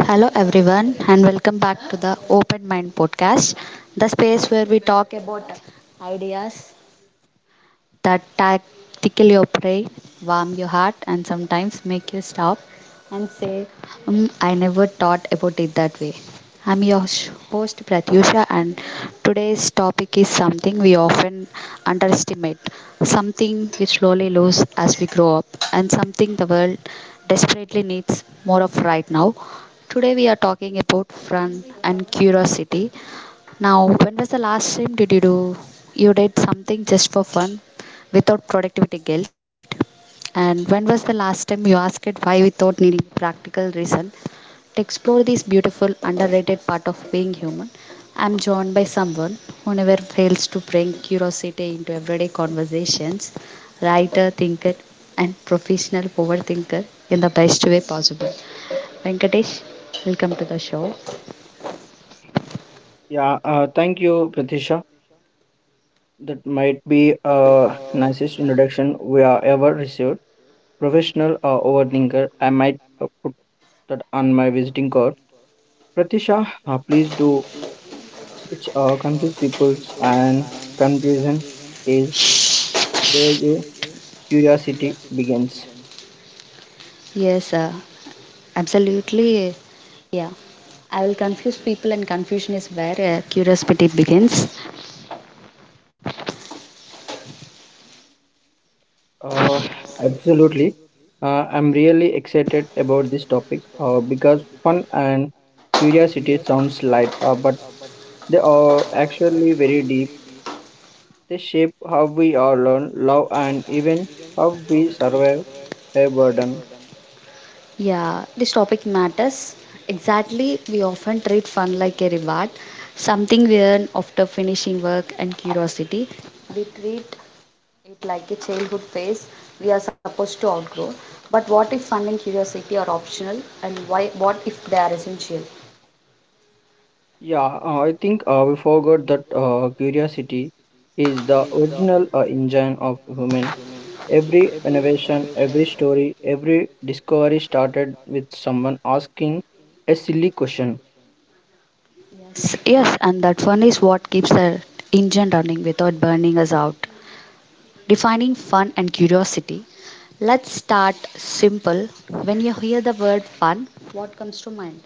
Hello, everyone, and welcome back to the Open Mind podcast, the space where we talk about ideas that tactically operate, warm your heart, and sometimes make you stop. Mm, I never thought about it that way. I'm your host Pratyusha, and today's topic is something we often underestimate, something we slowly lose as we grow up, and something the world desperately needs more of right now. Today, we are talking about fun and curiosity. Now, when was the last time did you do you did something just for fun without productivity guilt? And when was the last time you asked it why without needing practical reason? To explore this beautiful, underrated part of being human, I'm joined by someone who never fails to bring curiosity into everyday conversations, writer, thinker, and professional overthinker in the best way possible. Venkatesh, welcome to the show. Yeah, thank you, Pratisha. That might be nicest introduction we are ever received. Professional overthinker, I might put that on my visiting card. Pratisha, please do. It's confuse peoples and confusion is where your curiosity begins. Yes, absolutely. Yeah, I will confuse people, and confusion is where curiosity begins. Uh, absolutely. I'm really excited about this topic because fun and curiosity sounds light, but they are actually very deep. They shape how we all learn, love, and even how we survive a burden. Yeah, this topic matters. Exactly, we often treat fun like a reward, something we earn after finishing work and curiosity. We treat it like a childhood phase we are supposed to outgrow. But what if fun and curiosity are optional, and why? What if they are essential? Yeah, I think we forgot that curiosity is the original engine of human. Every innovation, every story, every discovery started with someone asking a silly question. Yes, yes, and that fun is what keeps the engine running without burning us out. Defining fun and curiosity. Let's start simple. When you hear the word fun, what comes to mind?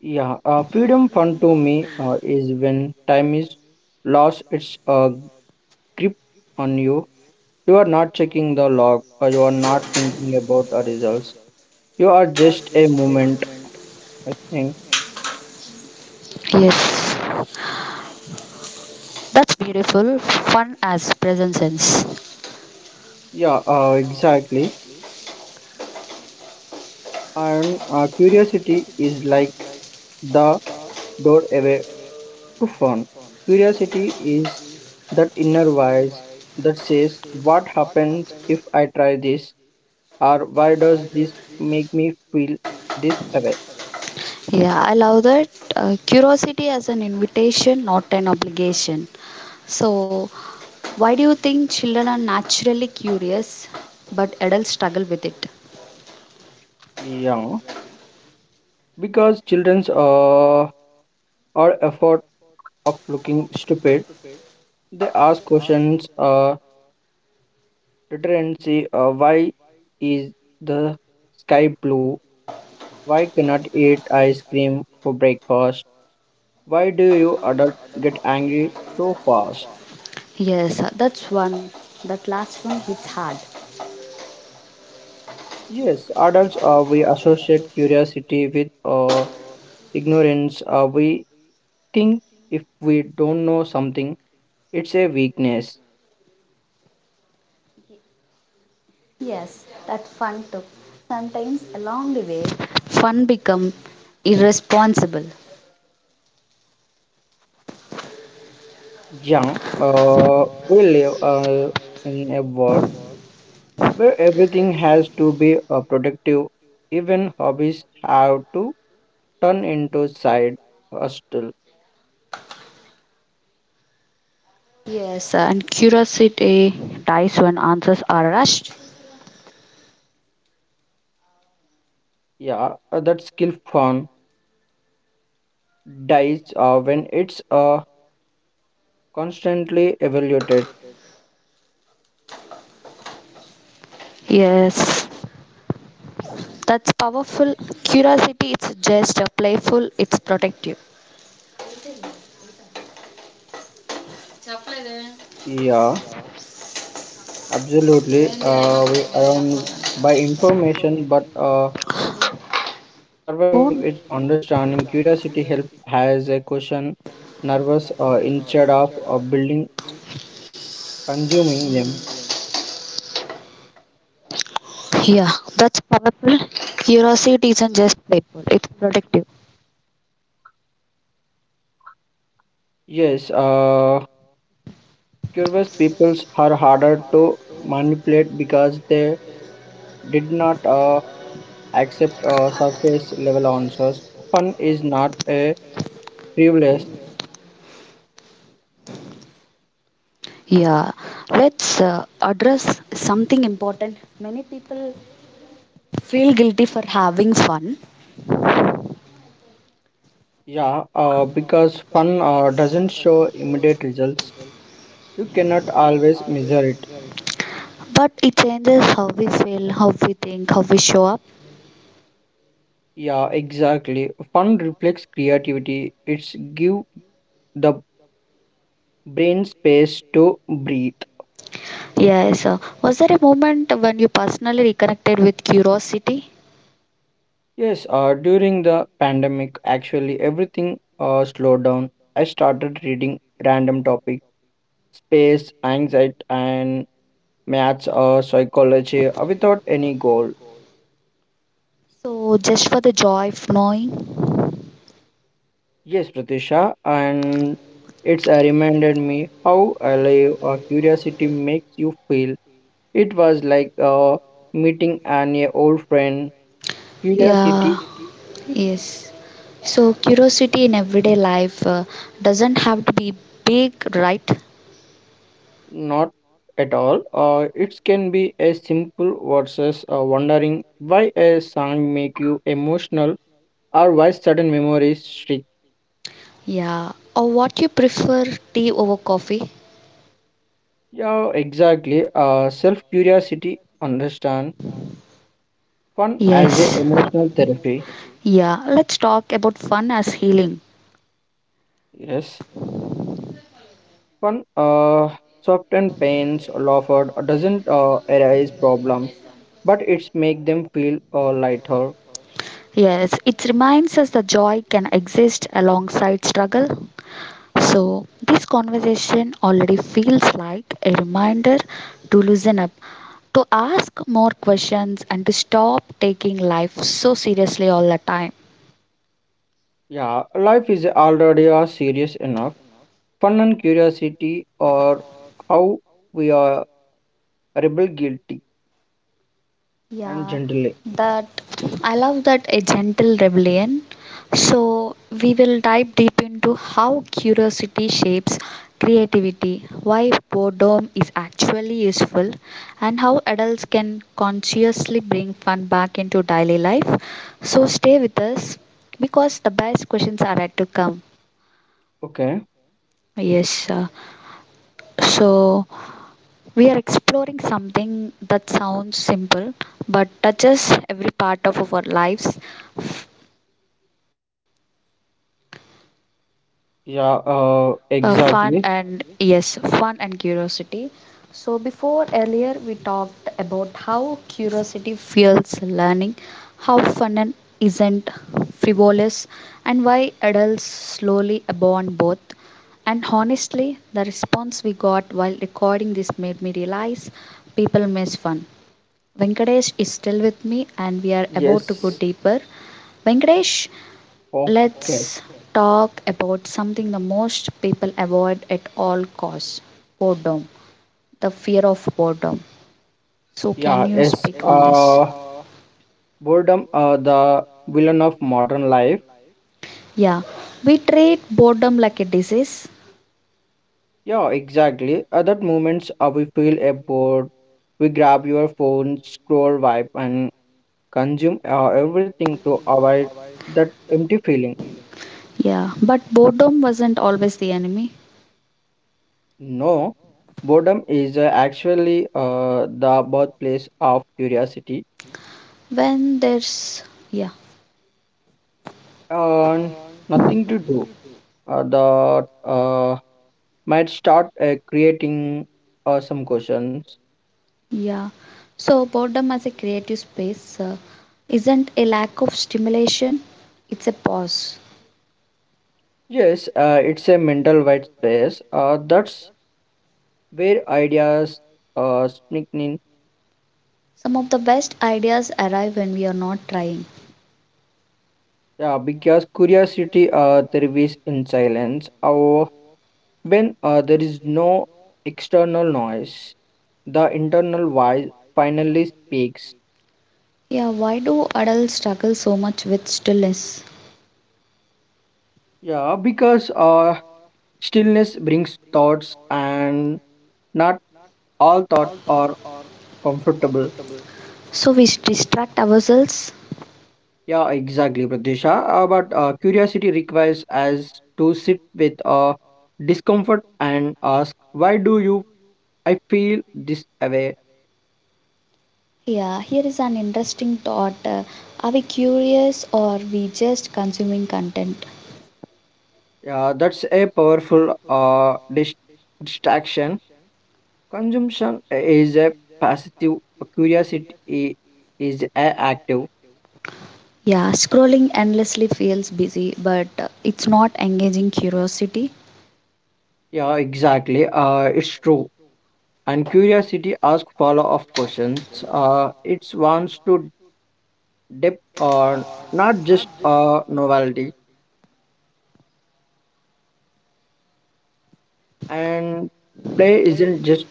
Yeah, freedom fun to me is when time is lost its grip on you. You are not checking the log, or you are not thinking about the results. You are just a moment, I think. Yes, that's beautiful. Fun as present sense. Yeah, exactly. And curiosity is like the doorway to fun. Curiosity is that inner voice that says, "What happens if I try this?" Or why does this make me feel this way? Yeah, I love that. Curiosity as an invitation, not an obligation. So, why do you think children are naturally curious but adults struggle with it? Yeah, because children's are effort of looking stupid. They ask questions. Literacy. Why is the sky blue? Why cannot eat ice cream for breakfast? Why do you adults get angry so fast? Yes, that's one. That last one hits hard. Yes, adults we associate curiosity with ignorance. We think if we don't know something, it's a weakness. Yes, that fun too. Sometimes along the way, fun become irresponsible. Young, we live in a world where everything has to be productive. Even hobbies have to turn into side hustle. Yes, and curiosity dies when answers are rushed. Yeah, that skill fun dies when it's constantly evaluated. Yes, that's powerful. Curiosity, it's just a playful, it's protective. Yeah, absolutely. We around by information, but surviving Oh, is understanding. Curiosity help has a question, nervous instead of building consuming them. yeah, that's powerful. Curiosity isn't just playful, it's protective. Yes, uh, curious peoples are harder to manipulate because they did not accept surface level answers. Fun is not a privilege, Yeah, let's address something important. Many people feel guilty for having fun, yeah, because fun doesn't show immediate results. You cannot always measure it. but it changes how we feel, how we think, how we show up. Yeah, exactly. Fun reflects creativity. It's give the brain space to breathe. Oh, Yes, was there a moment when you personally reconnected with curiosity? yes, during the pandemic, actually everything slowed down. I started reading random topics, space, anxiety, and maths or psychology without any goal. So, just for the joy of knowing? Yes, Pratisha, and it's reminded me how alive curiosity makes you feel. It was like meeting an a old friend. Yeah. Curiosity, Yes. So curiosity in everyday life doesn't have to be big, right? not at all. It can be as simple versus wondering why a song make you emotional or why certain memories stick. Yeah. Or what you prefer, tea over coffee? Yeah, exactly. Self curiosity, understand fun as a Yes. emotional therapy, Yeah. Let's talk about fun as healing. yes. Fun softens pains, laughter doesn't arise problems, but it's make them feel lighter. Yes, it reminds us that joy can exist alongside struggle. So, this conversation already feels like a reminder to loosen up, to ask more questions, and to stop taking life so seriously all the time. Yeah, life is already serious enough. Fun and curiosity are how we are rebel guilty and Yeah, gently. that I love that a gentle rebellion. So, we will dive deep into how curiosity shapes creativity, why boredom is actually useful, and how adults can consciously bring fun back into daily life. So, stay with us because the best questions are yet to come. Okay. Yes, so we are exploring something that sounds simple but touches every part of our lives. Yeah. Fun Exactly. and yes, fun and curiosity. So, before earlier, we talked about how curiosity fuels learning, how fun and isn't frivolous, and why adults slowly abandon both. And honestly, the response we got while recording this made me realize people miss fun. Venkatesh is still with me, and we are about to go Yes. deeper. Venkatesh, Okay. let's talk about something the most people avoid at all costs, boredom, the fear of boredom. So, Yeah. can you Yes. speak on this? Uh. Boredom. The villain of modern life. Yeah, we treat boredom like a disease. Yeah, exactly. Other moments we feel bored, we grab your phone, scroll, wipe, and consume everything to avoid that empty feeling. Yeah, but boredom wasn't always the enemy. No, boredom is actually the birthplace of curiosity When there's, yeah, and nothing to do. That might start creating some questions. yeah. So, boredom as a creative space isn't a lack of stimulation, it's a pause. Yes, it's a mental white space. That's where ideas sneak in. Some of the best ideas arrive when we are not trying. Yeah, because curiosity thrives in silence, or when there is no external noise, the internal voice finally speaks. Yeah, why do adults struggle so much with stillness? Yeah, because stillness brings thoughts, and not all thoughts are comfortable. So we distract ourselves. Yeah, exactly, Pradesha. But curiosity requires us to sit with discomfort and ask, "Why do you? I feel this way." Yeah, here is an interesting thought. Are we curious or we just consuming content? Yeah, that's a powerful distraction. Consumption is a passive, curiosity i- is a active. Yeah, scrolling endlessly feels busy, but it's not engaging curiosity. Yeah, exactly. It's true. And curiosity asks follow-up questions. It wants to dip on not just novelty. And play isn't just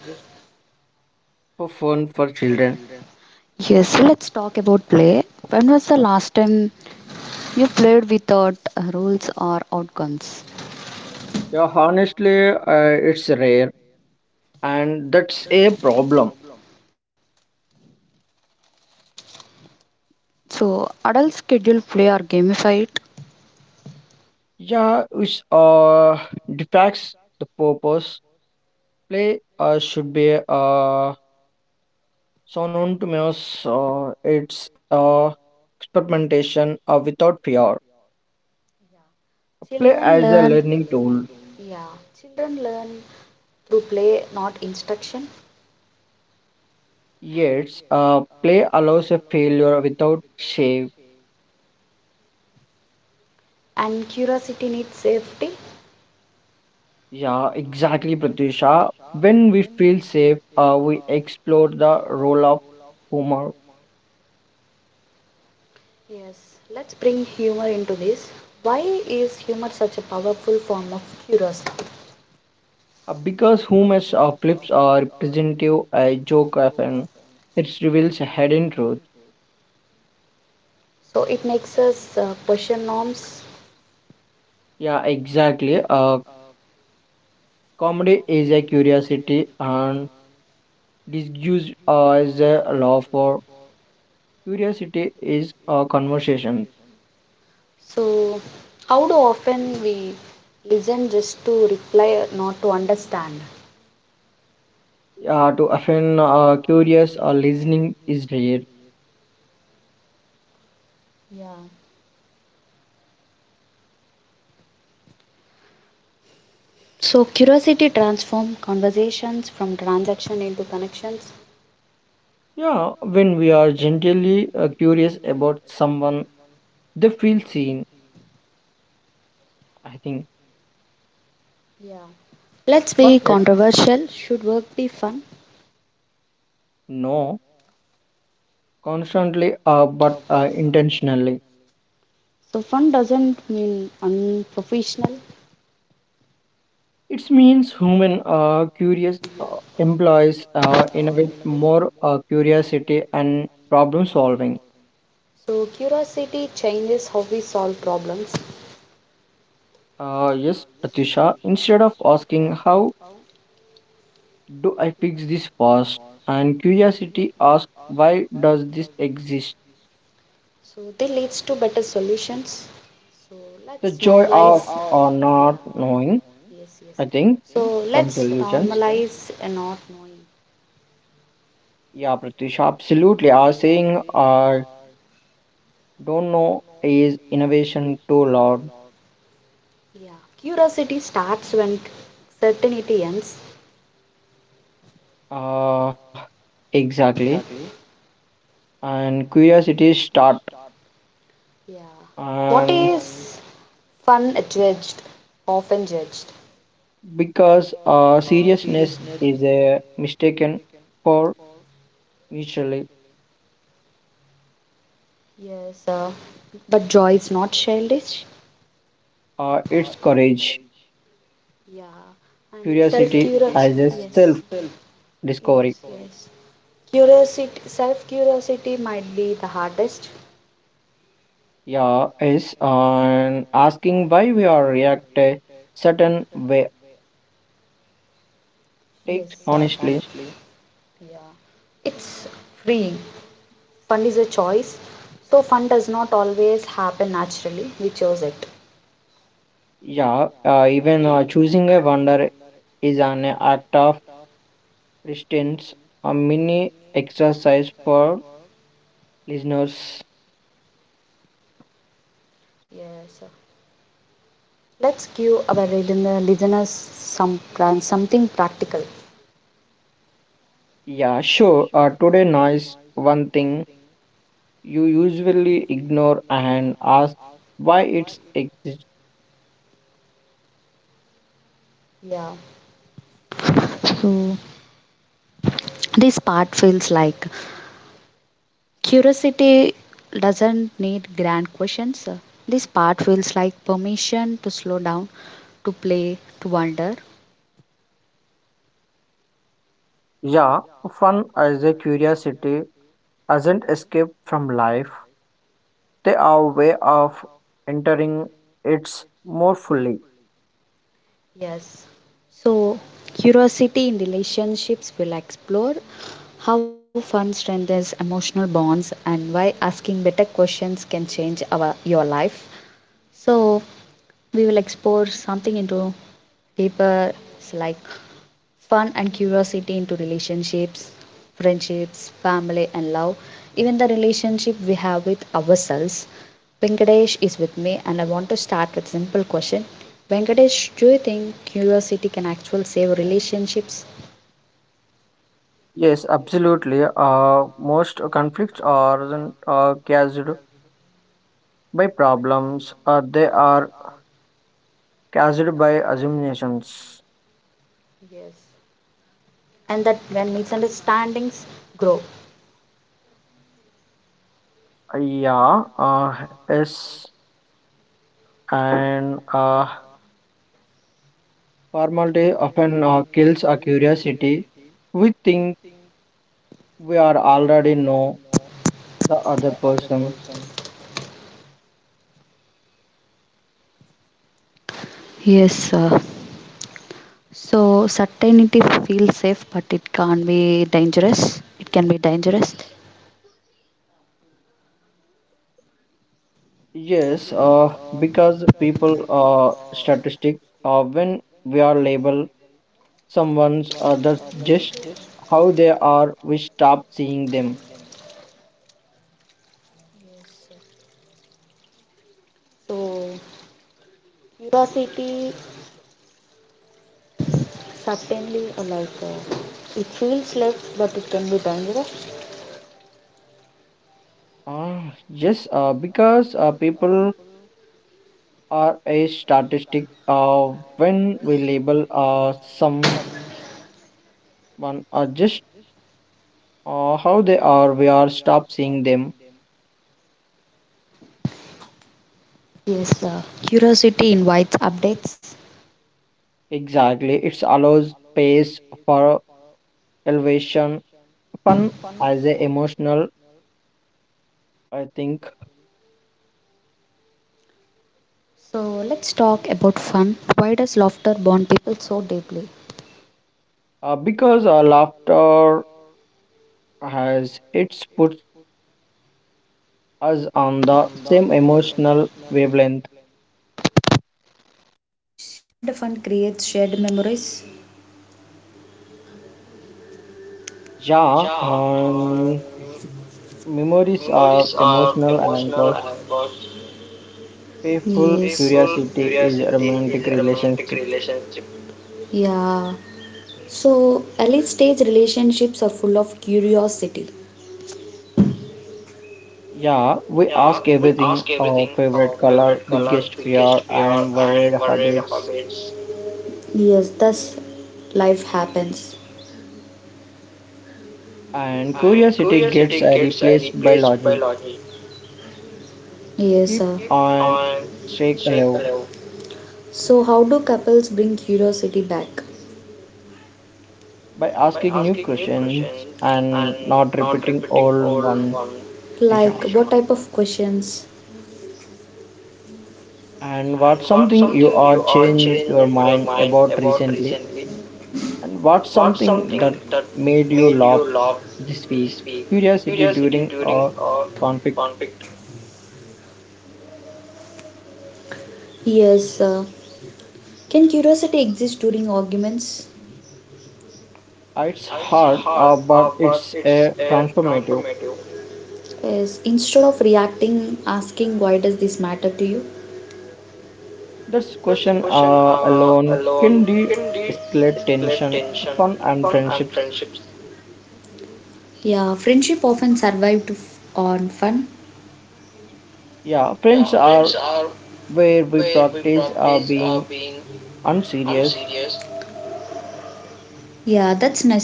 for fun for children. Yes, so let's talk about play. When was the last time you played without rules or outcomes? Yeah, honestly, it's rare, and that's a problem. So adults schedule play or gamify it. Yeah, which defects the purpose. Play should be synonymous. It's experimentation without fear. Yeah. Play Children as a learn. learning tool. Yeah, children learn through play, not instruction, Yes, play allows a failure without shame. and curiosity needs safety. Yeah, exactly, Pratisha. When we feel safe, we explore the role of humor. Yes, let's bring humor into this. Why is humor such a powerful form of curiosity? Because humor's flips are representative, I joke often. It reveals a hidden truth. So it makes us question norms. Yeah, exactly. Comedy is a curiosity and disguised as a love for curiosity is a conversation. So, how do often we listen just to reply, not to understand? Yeah, to often curious or listening is rare. Yeah. So curiosity transforms conversations from transaction into connections. Yeah, when we are genuinely curious about someone, they feel seen. I think Yeah. Let's fun. be It controversial. Should work be fun? no, constantly, but intentionally. So, fun doesn't mean unprofessional. It means human curious employs innovate more curiosity and problem solving. So, curiosity changes how we solve problems. Yes, Pratisha, instead of asking how do I fix this fast and curiosity asks why does this exist? So, they leads to better solutions. So, The let's joy normalize. of or Yeah. not knowing, Yes, yes. I think, So from let's solutions. normalize a not knowing. Yeah, Pratisha, absolutely. Are saying don't know is innovation too loud. Yeah. Curiosity starts when certainty ends. Uh, exactly. And curiosity start Yeah. What and is fun judged? Often judged. because seriousness is mistaken for mutually Yes, but joy is not childish. It's courage Yeah, and self Curiosity, curiosity curious. as a I Yes, just self felt discovery. yes, for yes. Curiosity, self curiosity might be the hardest. Yeah is and asking why we are react a certain way takes Yes, honestly. yeah. It's freeing. Fun is a choice, so fun does not always happen naturally. We chose it. Yeah uh, even uh, choosing a wonder is an act of resistance, a mini exercise for listeners. Yes. Let's give our listeners some something practical. Yeah, sure. Today, noise, one thing you usually ignore and ask why it exists. Yeah. So this part feels like Curiosity doesn't need grand questions. This part feels like permission to slow down, to play, to wonder. Yes. So, curiosity in relationships will explore how fun strengthens emotional bonds and why asking better questions can change our your life. So, we will explore something into deeper, it's like fun and curiosity into relationships, friendships, family, and love, even the relationship we have with ourselves. Venkatesh is with me, and I want to start with simple question. Venkatesh, do you think curiosity can actually save relationships? Yes. And that when misunderstandings grow, Curiosity, we think we are already know the other person. yes sir. So certainty feels safe, but it can be dangerous. It can be dangerous. Yes, because people statistic when we are label someone's other just how they are, we stop seeing them. So curiosity certainly like it feels less but it can be dangerous. Ah, yes, because people are a statistic when we label someone just how they are, we are stop seeing them. Yes, curiosity invites updates. Exactly, it allows space for elevation fun Fun. as a emotional, I think. So let's talk about fun. Why does laughter bond people so deeply? Because laughter has it puts us on the same emotional wavelength. The fun creates shared memories. yeah um, memories are emotional anchors, Yes. playful curiosity is a romantic relationship. Yeah. So, early stage relationships are full of curiosity. Yeah, we ask everything, our favorite color, biggest fear and worried habits. Yes, thus life happens. And curiosity gets replaced by logic. Yes, sir. Keep on shake alive So, how do couples bring curiosity back? by asking new questions and not repeating old one. Like, what type Tisha. of questions? And what's something you are changed your mind about recently? And what's something that made you laugh this week? Curiosity during a conflict. Yes, sir. Can curiosity exist during arguments? It's hard, but it's a transformative. Yes, instead of reacting, asking why does this matter to you? This question alone can de-escalate tension, fun, and friendships. Yeah, friendship often survived on fun. Yeah, friends are where we practice being unserious. Yeah, that's necessary.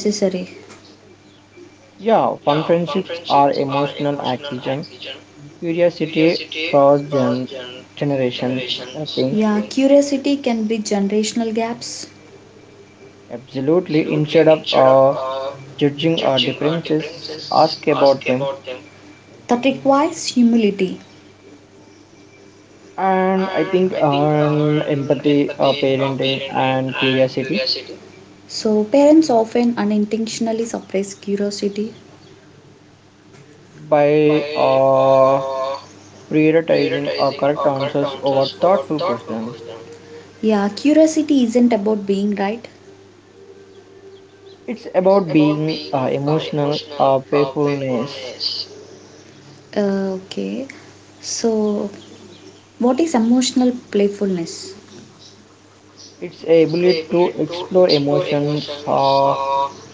Yeah, fun friendships are emotional oxygen, curiosity across Generations. generations, I Yeah, think. curiosity can bridge generational gaps. Absolutely. Instead of judging our differences, ask about them. That requires humility. And I think on empathy, parenting, and curiosity So, parents often unintentionally suppress curiosity. by prioritizing correct answers over thoughtful questions. Yeah, curiosity isn't about being right. It's about being emotional playfulness. Okay, so what is emotional playfulness? Its ability to explore emotions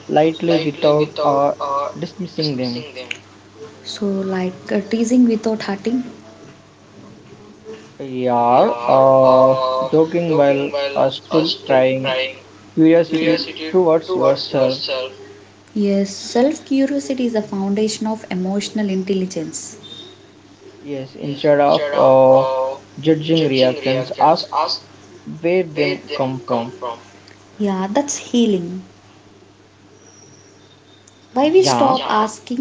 lightly without dismissing them. So, like teasing without hurting? Yeah, uh, joking while still crying, curiosity towards yourself. Yes, self curiosity is the foundation of emotional intelligence. Yes, instead of judging reactions, ask where them come from. Yeah, that's healing. Why we stop Yeah, asking why?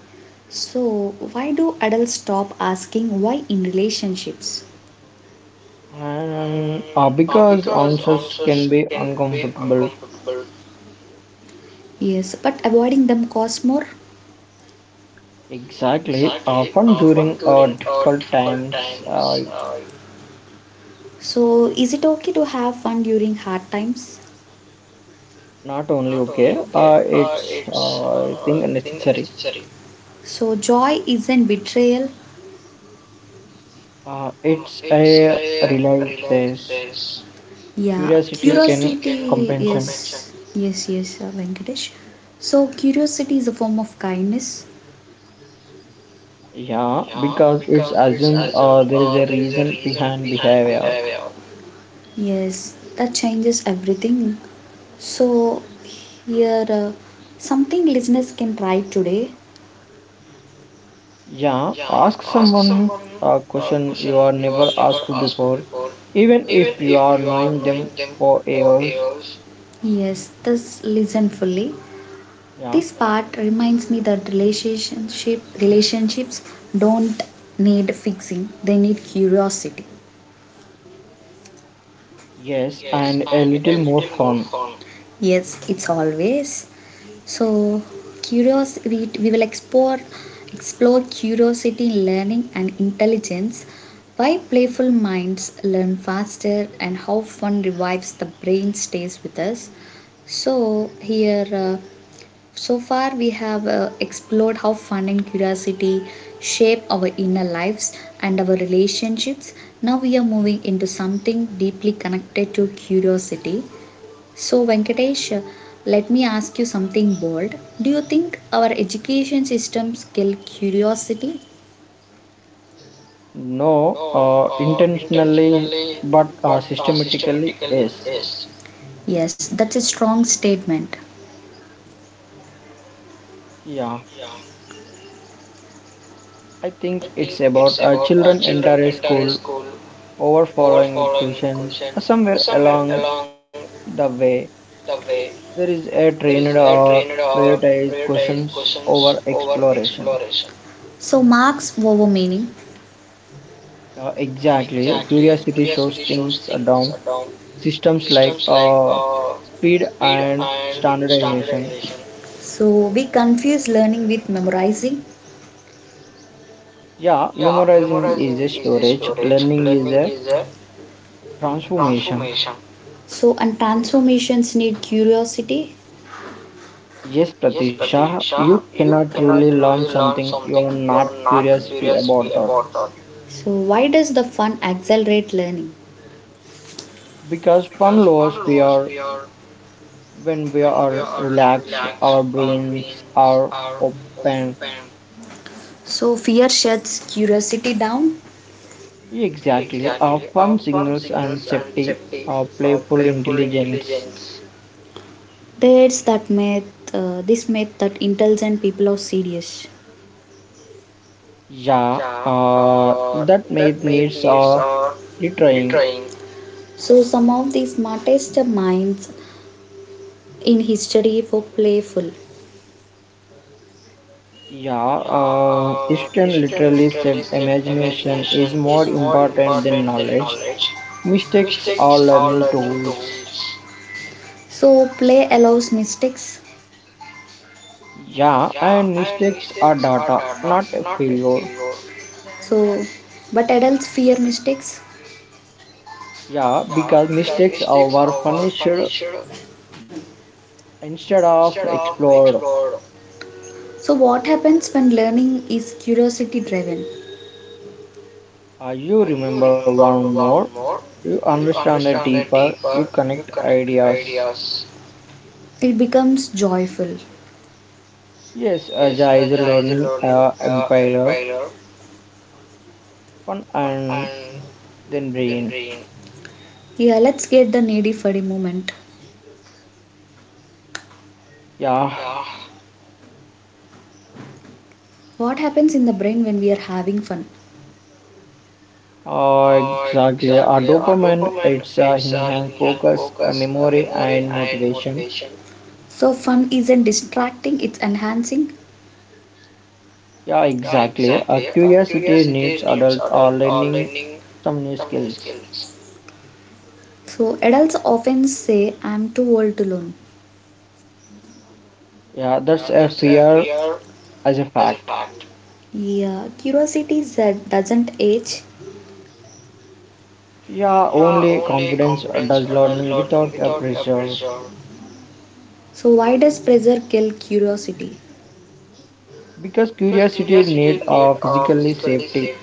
So, why do adults stop asking why in relationships? and because answers can be uncomfortable. Yes, but avoiding them costs more. Exactly. Fun during difficult times. Uh, So, is it okay to have fun during hard times? Not only okay, it's I think necessary. So, joy isn't betrayal. It's a realize this Yeah, curiosity can curiosity. Yes, compensation. yes, yes, Venkatesh. So, curiosity is a form of kindness. Yeah, because it assumes there is a reason behind behavior. Yes, that changes everything. So, here, something listeners can try today. Yeah, ask someone a question you are never asked before, even if you are knowing them for years. Yes, just listen fully. This part Yeah, reminds me that relationships don't need fixing. They need curiosity. yes, and a little more fun. Yes, it's always so curious we will explore curiosity, learning and intelligence. Why playful minds learn faster and how fun revives the brain stays with us. So here so far, we have explored how fun and curiosity shape our inner lives and our relationships. Now, we are moving into something deeply connected to curiosity. So, Venkatesh, let me ask you something bold. Do you think our education systems kill curiosity? No, intentionally, but systematically, yes. Yes, that's a strong statement. Yeah, I think it's about children enter a school over following with questions. Somewhere along the way, there is a trained or prioritized questions over exploration. So, marks over meaning. Yeah, exactly. Curiosity shows things down. Systems like speed and standardization. So, we confuse learning with memorizing. Yeah, memorizing is a storage, learning is a transformation. So, and transformations need curiosity. Yes, Pratisha, you cannot truly learn something you are not curiosity about that. So, why does the fun accelerate learning? Because fun lowers fear when we are relaxed, our brains are open. So, fear shuts curiosity down. Exactly, our fun signals and safety, our playful intelligence. There's that myth, this myth that intelligent people are serious. Yeah, that made needs are retrying. So, some of the smartest minds in history were playful. Yeah, Eastern literally said imagination is more important than knowledge. Mistakes are learning tools. So, play allows mistakes. Yeah, and mistakes are data, not a failure. So, but adults fear mistakes. Yeah, because mistakes are were punished instead of explored. So, what happens when learning is curiosity driven? You remember one more, you understand it deeper, you connect ideas. It becomes joyful. Yes, Aja is a learning empeller, fun and then brain. Yeah, let's get the needy for a moment. Yeah, What happens in the brain when we are having fun? exactly. Dopamine, it's enhanced focus, memory, and motivation. So fun isn't distracting, it's enhancing. Yeah, exactly. A curiosity needs adult or learning some new skills. So adults often say, I'm too old to learn. Yeah, that's a fear as a fact. Yeah, curiosity that doesn't age. Yeah, only confidence does learning without a pressure. So why does pressure kill curiosity? Because curiosity need a physically safety.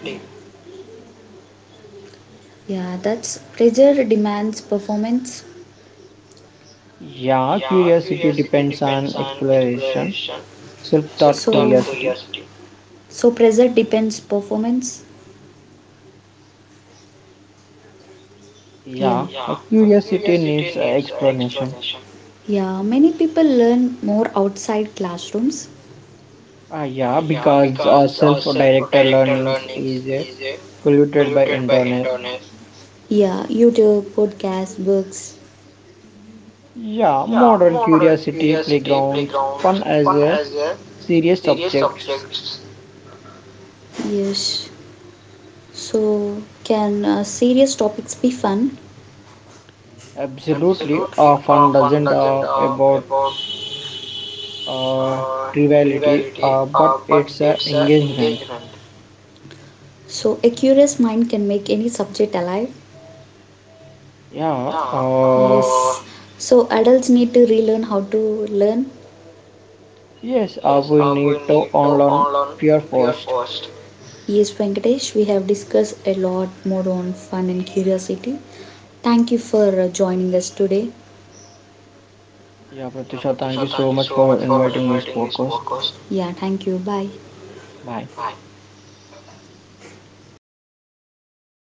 Yeah, that's pressure demands performance. Yeah, curiosity depends on exploration, So self-taught curiosity. so pressure depends performance. Yeah. Yeah, a curiosity needs a explanation. Yeah, many people learn more outside classrooms. Yeah, because our self-directed learnings is polluted by internal. Yeah, YouTube, podcasts, books. Yeah, modern curiosity playgrounds, fun as a serious subjects. Yes. So, can serious topics be fun? Absolutely, fun doesn't about uh, triviality, but it's a engagement. So, a curious mind can make any subject alive. Yeah. Yes. So, adults need to relearn how to learn. Yes. We need to unlearn fear first. Yes, Venkatesh, we have discussed a lot more on fun and curiosity. Thank you for joining us today. Yeah, Pratisha, thank you so much for inviting this podcast. Yeah, thank you. Bye. Bye.